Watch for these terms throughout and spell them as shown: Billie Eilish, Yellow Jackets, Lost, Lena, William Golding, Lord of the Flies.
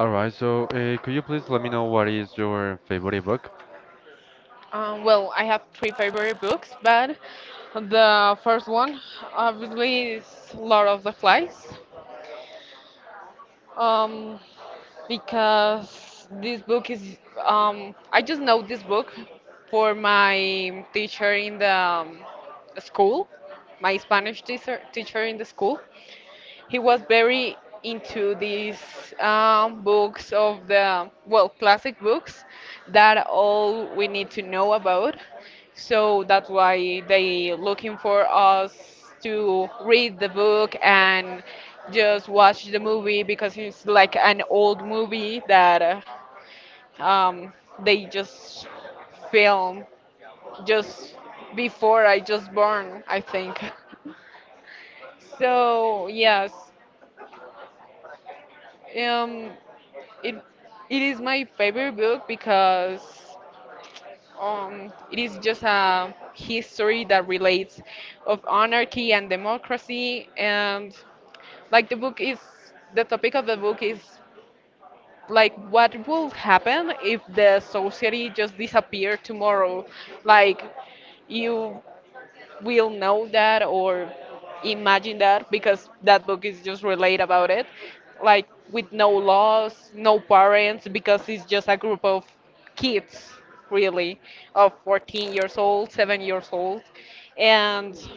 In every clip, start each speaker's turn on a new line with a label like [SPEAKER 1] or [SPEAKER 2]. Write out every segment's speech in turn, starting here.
[SPEAKER 1] All right, so could you please let me know what is your favorite book?
[SPEAKER 2] Well, I have three favorite books, but the first one obviously is Lord of the Flies, um, because this book is, I just know this book for my teacher in the school, my Spanish teacher in the school. He was very into these books of the, well, classic books that all we need to know about. So that's why they looking for us to read the book and just watch the movie because it's like an old movie that uh, um, they just film just before I just born, I think. So yes, um, It it is my favorite book because it is just a history that relates of anarchy and democracy, and like the book is, the topic of the book is like what will happen if the society just disappeared tomorrow, like you will know that or imagine that, because that book is just relate about it, like with no laws, no parents, because it's just a group of kids, really, of 14 years old, 7 years old, and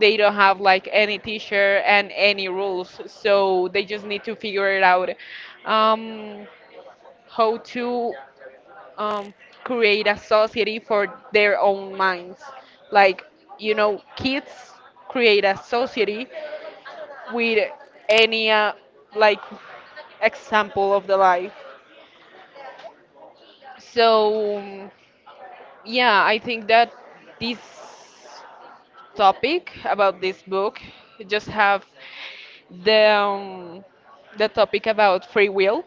[SPEAKER 2] they don't have like any teacher and any rules, so they just need to figure it out, um, how to um, create a society for their own minds. Like, you know, kids create a society with any, like, example of the life. So, yeah, I think that this topic about this book just have the, um, the topic about free will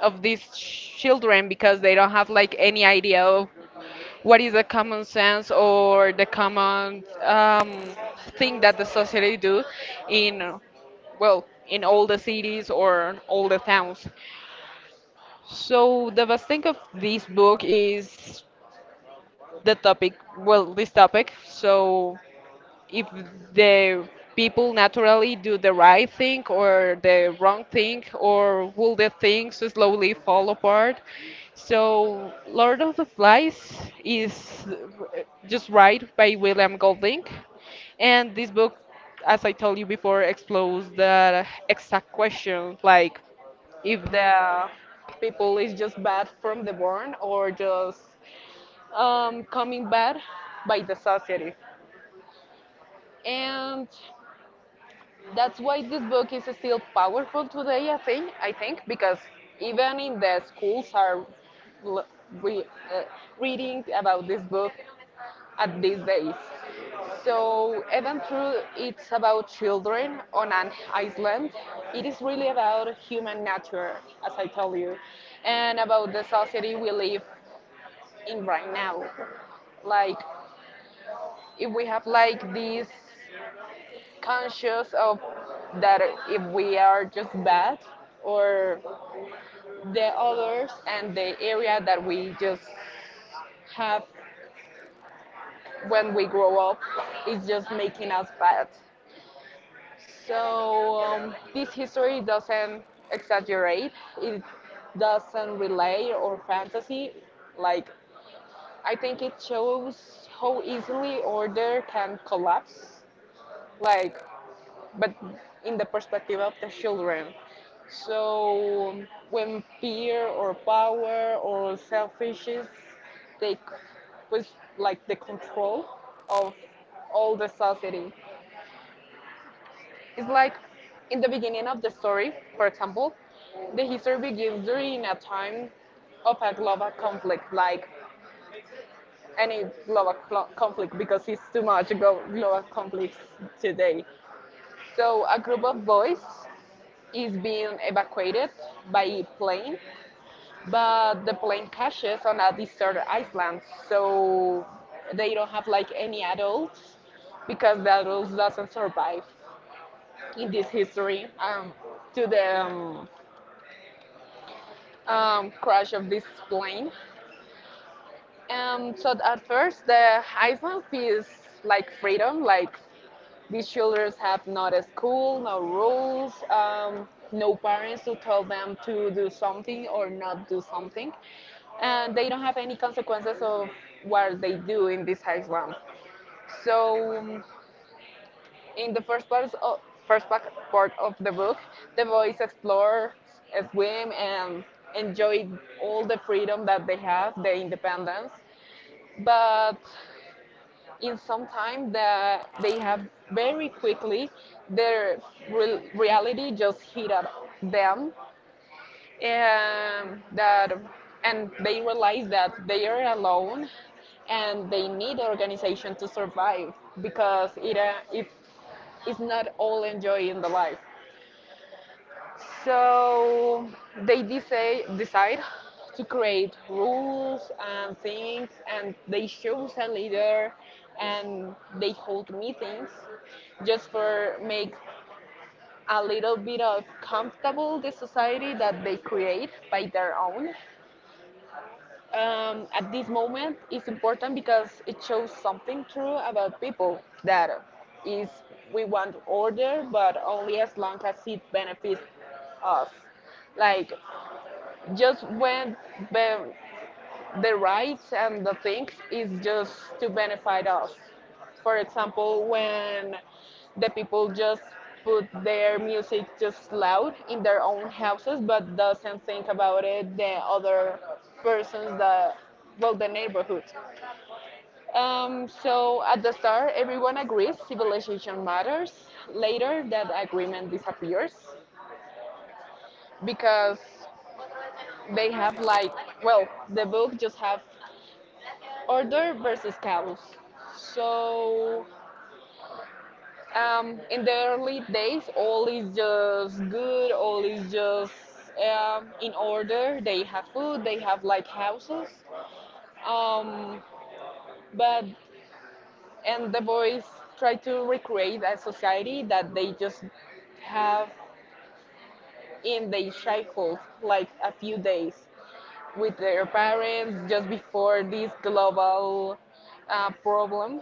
[SPEAKER 2] of these children because they don't have like any idea of what is the common sense or the common thing that the society do in, well, in all the cities or in all the towns. So the best thing of this book is the topic, well, this topic, so if the people naturally do the right thing or the wrong thing, or will the things slowly fall apart. So, Lord of the Flies is just right by William Golding, and this book, as I told you before, explores that exact question. Like if the people is just bad from the born or just coming bad by the society. And that's why this book is still powerful today, I think, because even in the schools are l- re, uh, reading about this book at these days. So even though it's about children on an island, it is really about human nature, as I told you, and about the society we live in right now. Like if we have like this conscious of that, if we are just bad or the others, and the area that we just have when we grow up is just making us bad. So, this history doesn't exaggerate, it doesn't relay or fantasy. Like, I think it shows how easily order can collapse. Like, but in the perspective of the children. So when fear or power or selfishness take was like the control of all the society. It's like in the beginning of the story, for example, the history begins during a time of a global conflict, like any global conflict, because it's too much global conflicts today. So a group of boys is being evacuated by plane, but the plane crashes on a desert island, so they don't have like any adults because the adults doesn't survive in this history to the crash of this plane. So at first the island feels like freedom, like these children have not a school, no rules, no parents to tell them to do something or not do something, and they don't have any consequences of what they do in this high slums. So, in the first part of, first part of the book, the boys explore, swim, and enjoy all the freedom that they have, the independence. But in some time that they have, very quickly, their reality just hit at them, and that, and they realize that they are alone and they need organization to survive, because it is not all enjoy in the life, so they decide to create rules and things, and they choose a leader, and they hold meetings just for make a little bit of comfortable the society that they create by their own. At this moment, it's important because it shows something true about people, that is, we want order, but only as long as it benefits us. Like just when the, the rights and the things is just to benefit us. For example, when the people just put their music just loud in their own houses, but doesn't think about it the other persons, the, well, the neighborhood. So at the start, everyone agrees civilization matters. Later, that agreement disappears because they have like, well, the book just have order versus chaos. So, in the early days, all is just good, all is just in order. They have food, they have like houses. Um, but and the boys try to recreate a society that they just have in their childhood, like a few days with their parents just before this global problem,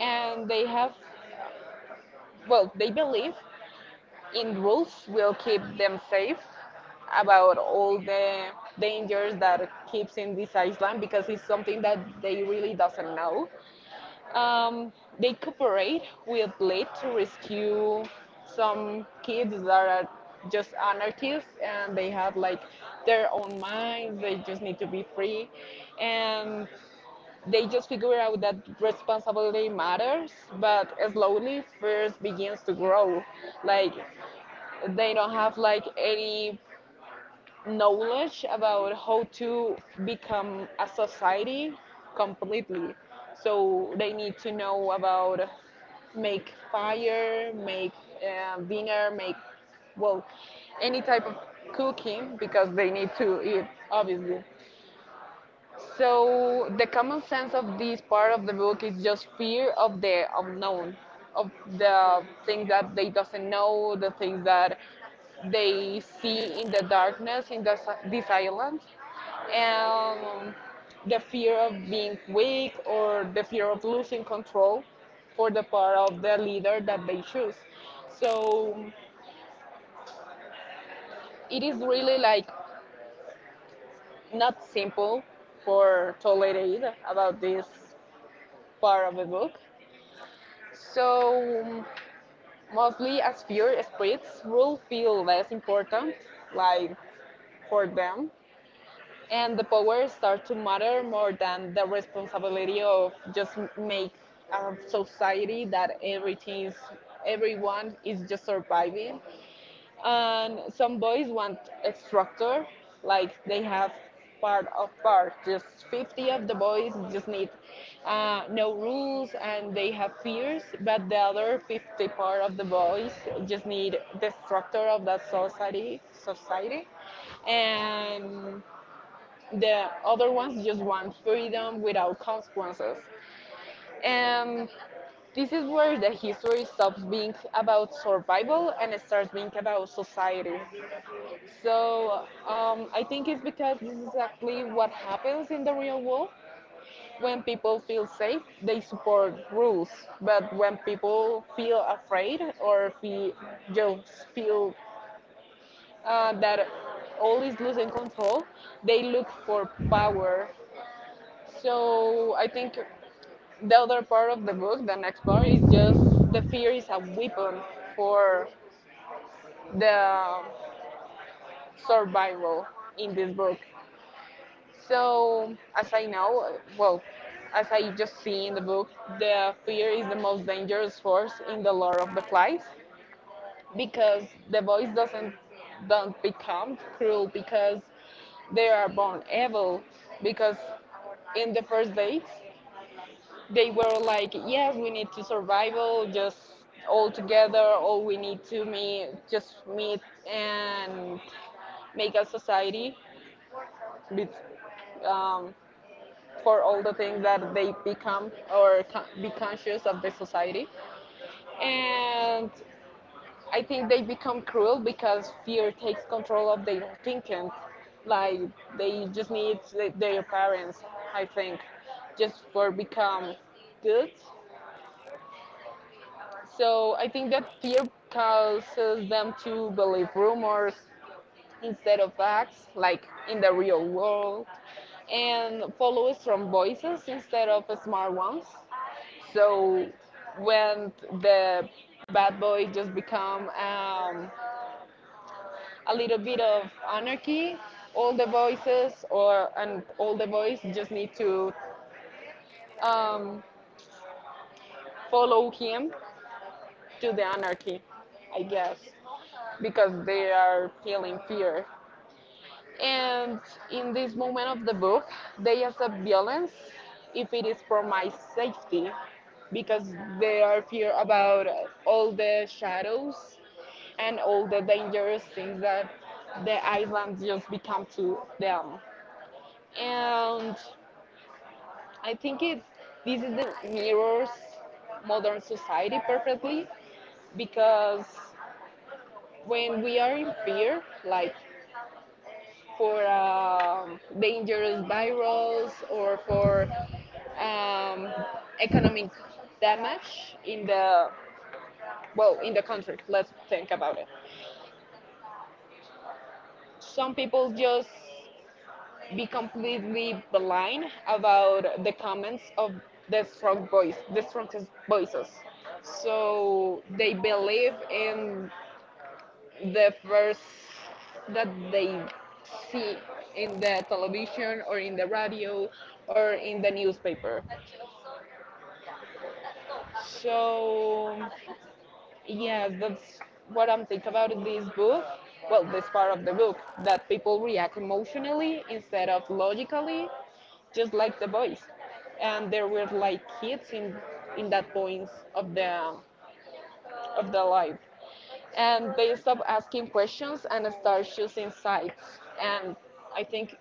[SPEAKER 2] and they have, well, they believe in rules will keep them safe about all the dangers that keeps in this island, because it's something that they really doesn't know. Um, they cooperate with Blade to rescue some kids that are just anarchists and they have like their own minds. They just need to be free, and they just figure out that responsibility matters, but slowly first begins to grow. Like they don't have like any knowledge about how to become a society completely, so they need to know about make fire, make dinner, make, well, any type of cooking, because they need to eat, obviously. So the common sense of this part of the book is just fear of the unknown, of the things that they doesn't know, the things that they see in the darkness in the, this island, and the fear of being weak or the fear of losing control for the part of the leader that they choose. So it is really like not simple for tolerate about this part of the book. So mostly as fear spreads, rules feel less important, like for them, and the power starts to matter more than the responsibility of just make a society that everything is, everyone is just surviving. And some boys want a structure, like they have part of part. Just 50 of the boys just need no rules and they have fears, but the other 50 part of the boys just need the structure of that society, and the other ones just want freedom without consequences. And this is where the history stops being about survival and starts being about society. So, I think it's because this is exactly what happens in the real world. When people feel safe, they support rules. But when people feel afraid or feel, just feel, that all is losing control, they look for power. So I think the other part of the book, the next part, is just the fear is a weapon for the survival in this book. So, as I know, well, as I just see in the book, the fear is the most dangerous force in the Lord of the Flies, because the boys doesn't don't become cruel because they are born evil, because in the first days they were like, yes, we need to survival just all together, or we need to meet, just meet, and make a society with, um, for all the things that they become or be conscious of the society. And I think they become cruel because fear takes control of their thinking. Like they just need their parents, I think, just for become good. So I think that fear causes them to believe rumors instead of facts, like in the real world, and follow strong voices instead of smart ones. So when the bad boy just become a little bit of anarchy, all the voices or and all the voice just need to um, follow him to the anarchy, I guess, because they are feeling fear. And in this moment of the book, they accept violence if it is for my safety, because they are fear about all the shadows and all the dangerous things that the island just become to them. And I think it, this is the mirrors modern society perfectly, because when we are in fear, like for dangerous virus or for um, economic damage in the, well, in the country. Let's think about it. Some people just be completely blind about the comments of the strong voice, the strongest voices. So they believe in the first that they see in the television or in the radio or in the newspaper. So, yeah, that's what I'm thinking about this book. Well, this part of the book that people react emotionally instead of logically, just like the boys. And there were like kids in that points of the life, and they stop asking questions and start choosing sides. And I think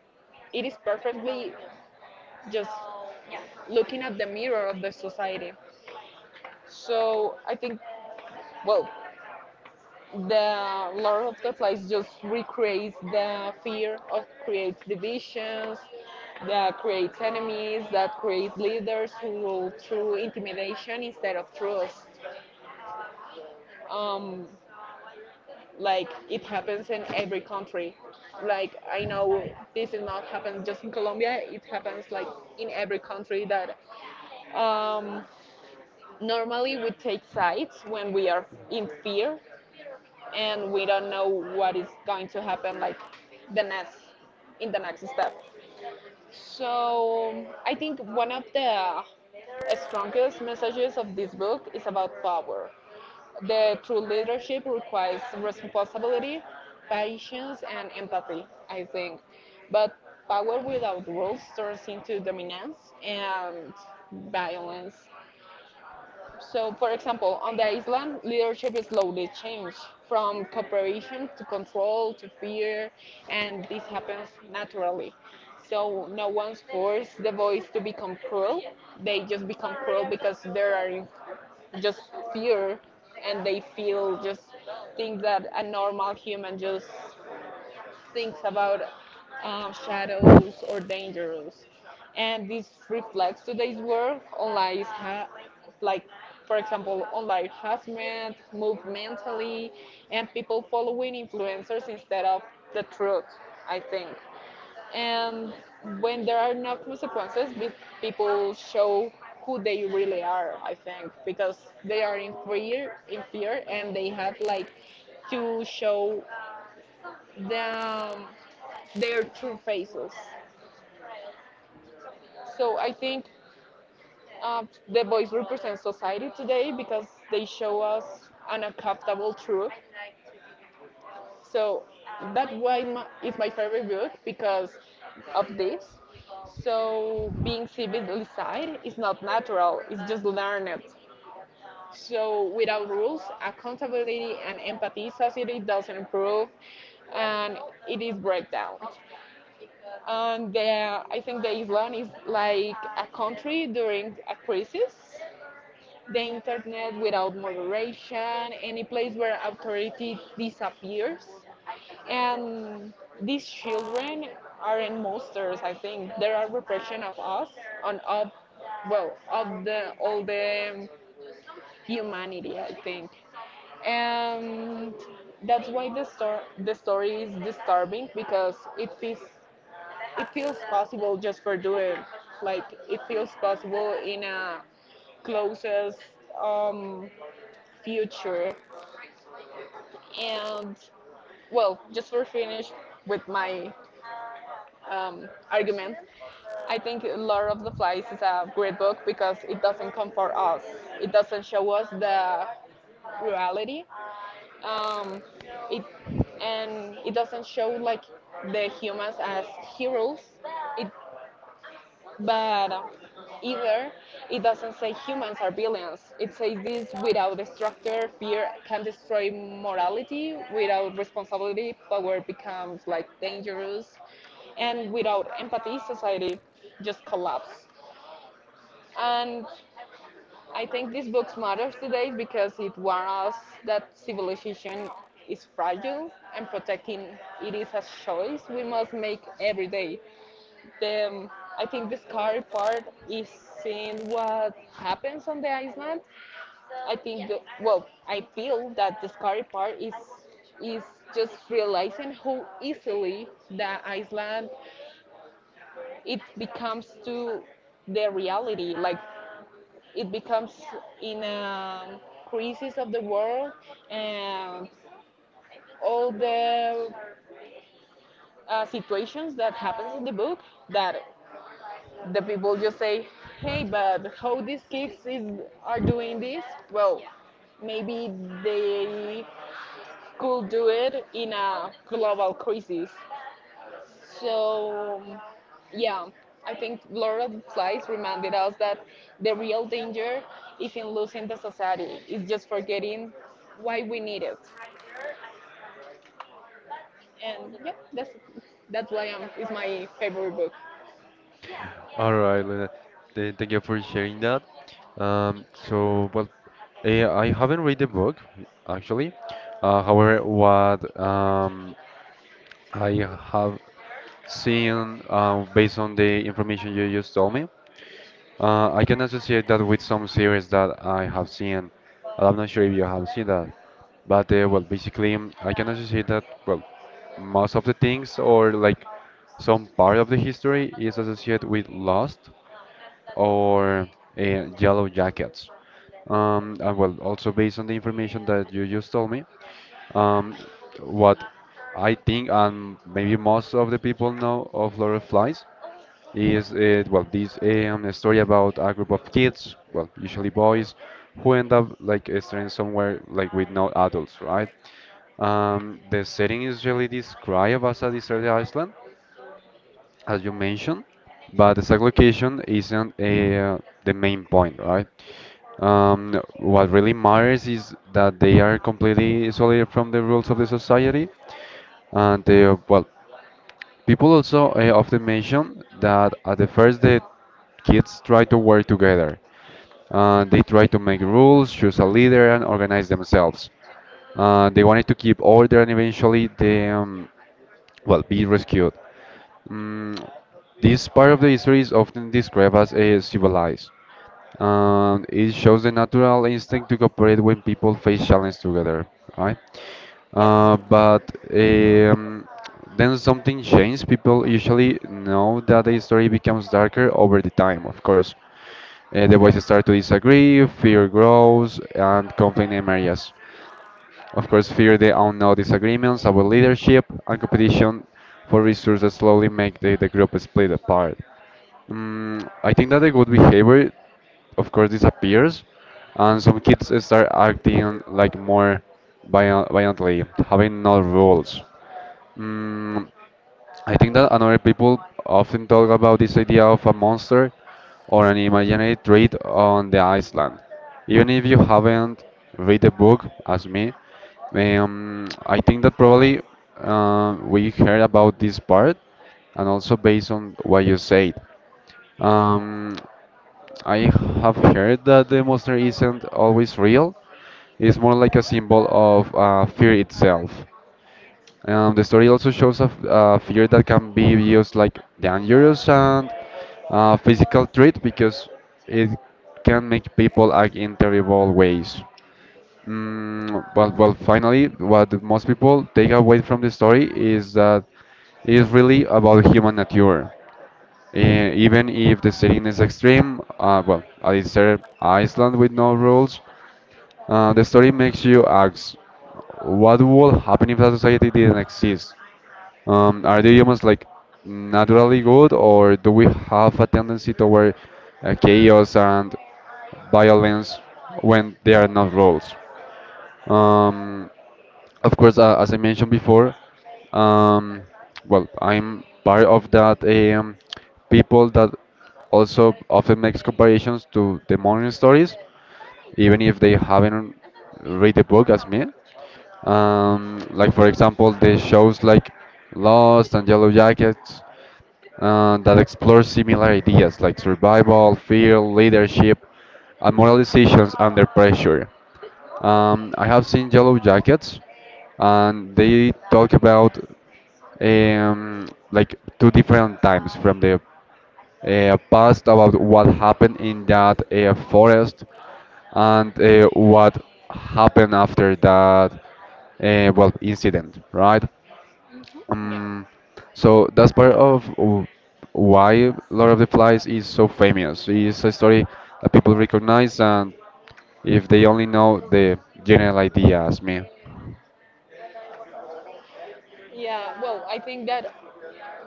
[SPEAKER 2] it is perfectly just looking at the mirror of the society. So I think, well, the Lord of the Flies just recreates the fear of creates divisions, that creates enemies, that creates leaders who rule through intimidation instead of trust. Um, like it happens in every country, like I know this is not happen just in Colombia, it happens like in every country that, um, normally we take sides when we are in fear and we don't know what is going to happen, like the next in the next step. So I think one of the strongest messages of this book is about power. The true leadership requires responsibility, patience, and empathy, I think. But power without rules turns into dominance and violence. So, for example, on the island, leadership slowly changed from cooperation to control to fear, and this happens naturally. So, no one's forced the boys to become cruel. They just become cruel because they are just fear, and they feel just things that a normal human just thinks about, shadows or dangers, and this reflects today's world on lies like, for example, online harassment move mentally and people following influencers instead of the truth, I think. And when there are no consequences, people show who they really are, I think, because they are in fear and they have like to show the um, their true faces. So I think, uh, the boys represent society today because they show us an uncomfortable truth. So it's my favorite book because of this. So being civilized is not natural; it's just learned. So without rules, accountability and empathy, society doesn't improve, and it is breakdown. I think the Island is like a country during a crisis. The internet without moderation, any place where authority disappears, and these children aren't monsters. I think they are repression of us and of, well, of the all the humanity, I think. And that's why the story is disturbing because it feels possible just for doing. Like it feels possible in a closest, um, future. And, well, just for finish with my argument, I think Lord of the Flies is a great book because it doesn't comfort us. It doesn't show us the reality. Um, it and it doesn't show like the humans as heroes. It but either it doesn't say humans are villains. It says this without structure, fear can destroy morality, without responsibility, power becomes like dangerous, and without empathy, society just collapses. And I think these books matters today because it warns us that civilization is fragile and protecting it is a choice we must make every day. The I think the scary part is seeing what happens on the island. I think well, I feel that the scary part is just realizing how easily the island it becomes to the reality. Like it becomes in a crisis of the world, and all the situations that happens in the book, that the people just say, "Hey, but how these kids is are doing this?" Well, maybe they could do it in a global crisis. So, yeah, I think Laura's slides reminded us that the real danger is in losing the society. It's just forgetting why we need it. And yeah, that's why it's my favorite book.
[SPEAKER 1] All right, Lena, thank you for sharing that. Um, so, well, I haven't read the book actually. However, what I have seen based on the information you just told me, I can associate that with some series that I have seen. And I'm not sure if you have seen that. But I can also say that, well, most of the things, or like some part of the history, is associated with Lost or uh, Yellow Jackets. And well, also based on the information that you just told me, um, what I think, and maybe most of the people know of Lord of Flies, is well this story about a group of kids, well usually boys, who end up like stranded somewhere like with no adults, right? The setting is really described as a deserted island, as you mentioned, but the exact location isn't the main point, right? What really matters is that they are completely isolated from the rules of the society, and well, people also often mention that at the first, the kids try to work together. They try to make rules, choose a leader, and organize themselves. They wanted to keep order, and eventually the well, be rescued. Mm, this part of the history is often described as a civilized. It shows the natural instinct to cooperate when people face challenge together, right?
[SPEAKER 2] Yeah.
[SPEAKER 1] But um, then something changed. People usually know that the story becomes darker over the time, of course. The voices start to disagree, fear grows, and conflict emerges. Of course, fear the unknown, disagreements about leadership, and competition for resources slowly make the group split apart. Mm, I think that the good behavior, of course, disappears, and some kids start acting like more violently, having no rules. Mm, I think that another people often talk about this idea of a monster or an imaginary threat on the island. Even if you haven't read the book as me, I think that probably we heard about this part, and also based on what you said. Um, I have heard that the monster isn't always real. It's more like a symbol of fear itself. The story also shows a, a fear that can be used like dangerous and physical threat, because it can make people act in terrible ways. Mm, but well, finally, what most people take away from the story is that it is really about human nature. Eh, even if the setting is extreme, well, I desert Iceland with no rules, the story makes you ask, what would happen if that society didn't exist? Are the humans like naturally good, or do we have a tendency toward chaos and violence when there are not roles? Um, of course, as I mentioned before, um, well, I'm part of that people that also often makes comparisons to the morning stories, even if they haven't read the book as me. Like for example, the shows like Lost and Yellow Jackets that explores similar ideas like survival, fear, leadership, and moral decisions under pressure. I have seen Yellow Jackets, and they talk about like two different times from the past, about what happened in that forest, and what happened after that well incident, right?
[SPEAKER 2] Mhm. Yeah.
[SPEAKER 1] Um, so that's part of why Lord of the Flies is so famous. It's a story that people recognize, and if they only know the general idea as me.
[SPEAKER 2] Yeah. Well, I think that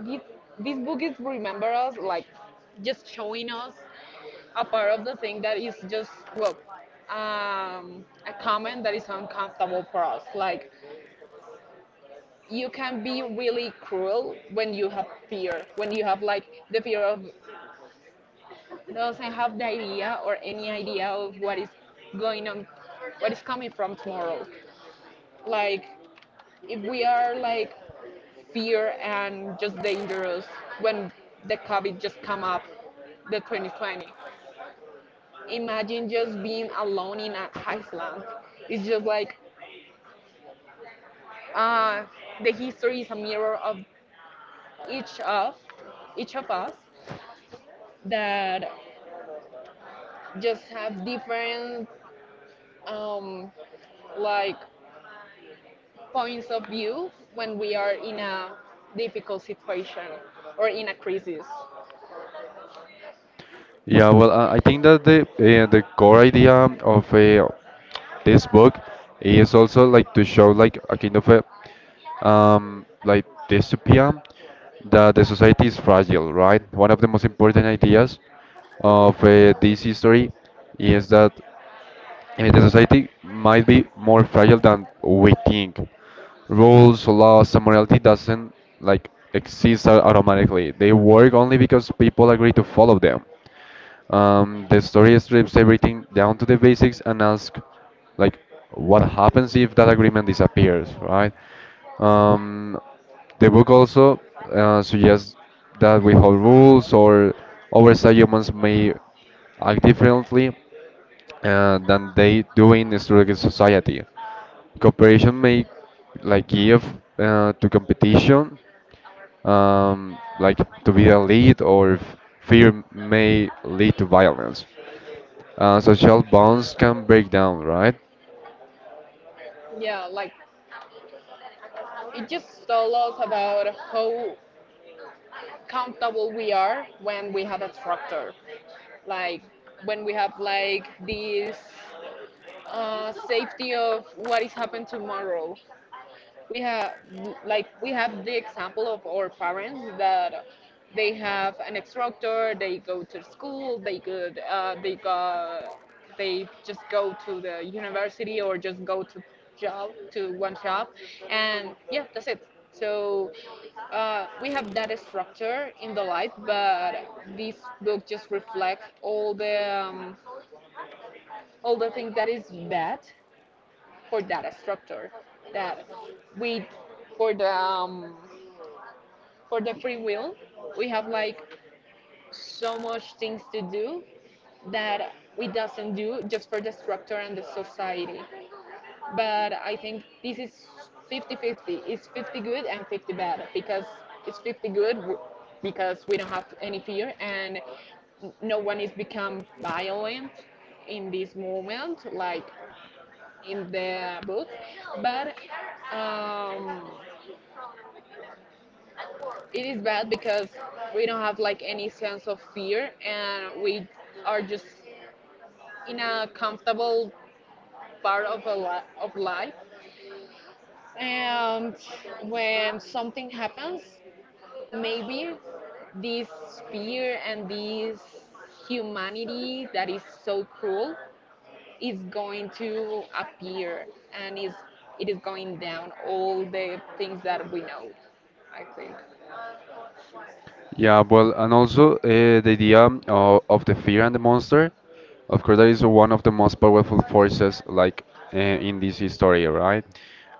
[SPEAKER 2] this, this book is remember us like just showing us a part of the thing that is just, well, a comment that is uncomfortable for us, like you can be really cruel when you have fear, when you have like the fear of doesn't have the idea or any idea of what is going on, what is coming from tomorrow. Like, if we are like fear and just dangerous when the COVID just come up, the 2020. Imagine just being alone in an Iceland. It's just like, uh, the history is a mirror of each of each of us that just have different, um, like points of view when we are in a difficult situation or in a crisis.
[SPEAKER 1] Yeah, well, I think that the core idea of this book is also like to show like a kind of a like dystopia, that the society is fragile, right? One of the most important ideas of this history is that. And the society might be more fragile than we think. Rules, laws, and morality doesn't like exist automatically. They work only because people agree to follow them. The story strips everything down to the basics and asks, like, what happens if that agreement disappears, right? Um, the book also suggests that without rules or oversight, humans may act differently than they do in historical society. Cooperation may like give to competition, like to be a lead, or fear may lead to violence. Social bonds can break down, right?
[SPEAKER 2] Yeah, like it just told us about how comfortable we are when we have a structure, like when we have like this, safety of what is happening tomorrow. We have like we have the example of our parents that they have an instructor, they go to school, they could, they go, they just go to the university or just go to job, to one job, and yeah, that's it. So, we have that structure in the life, but this book just reflects all the, um, all the things that is bad for data structure, that we for the, for the free will, we have like so much things to do that we doesn't do just for the structure and the society. But I think this is 50-50. It's 50 good and 50 bad, because it's 50 good because we don't have any fear and no one is become violent in this moment, like in the booth. But, um, it is bad because we don't have like any sense of fear and we are just in a comfortable part of of life. And when something happens, maybe this fear and this humanity that is so cruel is going to appear and is it is going down all the things that we know, I think.
[SPEAKER 1] Yeah, well, and also the idea of the fear and the monster, of course, that is one of the most powerful forces, like in this story, right?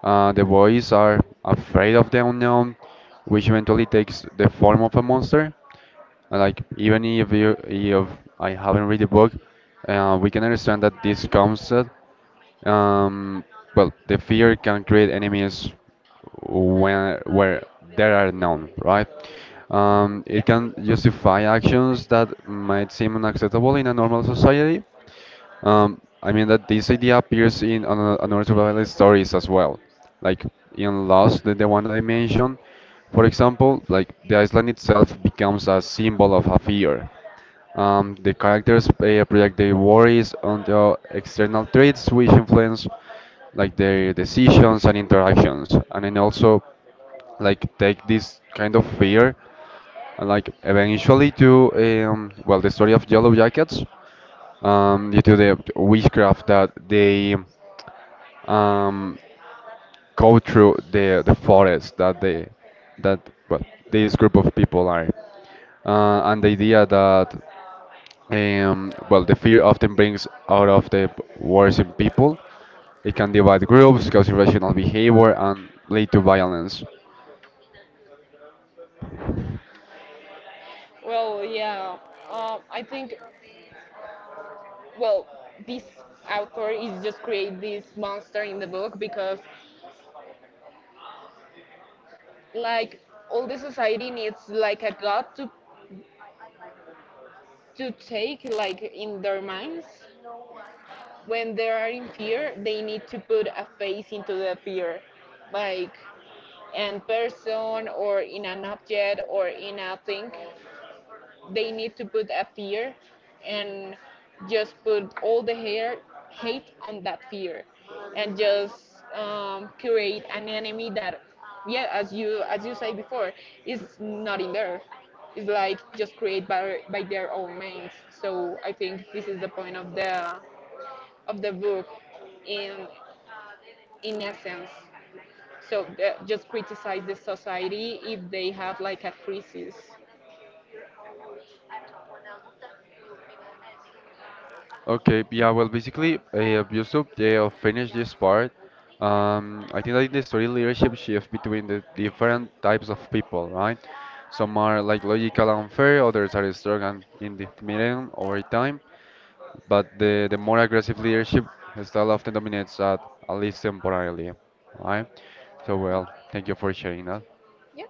[SPEAKER 1] The boys are afraid of the unknown, which eventually takes the form of a monster. And, like even if you, if I haven't read the book, we can understand that this concept. Um, well, the fear can create enemies when where there are none, right?
[SPEAKER 2] Yeah.
[SPEAKER 1] It can justify actions that might seem unacceptable in a normal society, I mean that this idea appears in another survival stories as well, like in Lost, the one that I mentioned. For example, like the island itself becomes a symbol of a fear. The characters project their worries onto external traits which influence like their decisions and interactions, and then also like take this kind of fear and like eventually to well the story of Yellow Jackets, due to the witchcraft that they um, go through the forest that they that well this group of people are, and the idea that well the fear often brings out of the wars in people. It can divide groups, cause irrational behavior, and lead to violence.
[SPEAKER 2] Well, yeah, I think, well, this author is just create this monster in the book because, like, all the society needs like a god to take like in their minds. When they are in fear, they need to put a face into the fear, like in person or in an object or in a thing. They need to put a fear and just put all the hair, hate on that fear and just create an enemy that, yeah, as you say before, is not in there. It's like just create by their own minds. So I think this is the point of the book in in essence. So, just criticize the society if they have like a crisis.
[SPEAKER 1] Okay, yeah, well, basically, just to finish this part, I think that in the story leadership shift between the different types of people, right? Some are like logical and fair, others are strong and independent over time, but the more aggressive leadership style often dominates that, at least temporarily, right? So,
[SPEAKER 2] Yeah.
[SPEAKER 1] well, thank you for sharing that.
[SPEAKER 2] Yeah.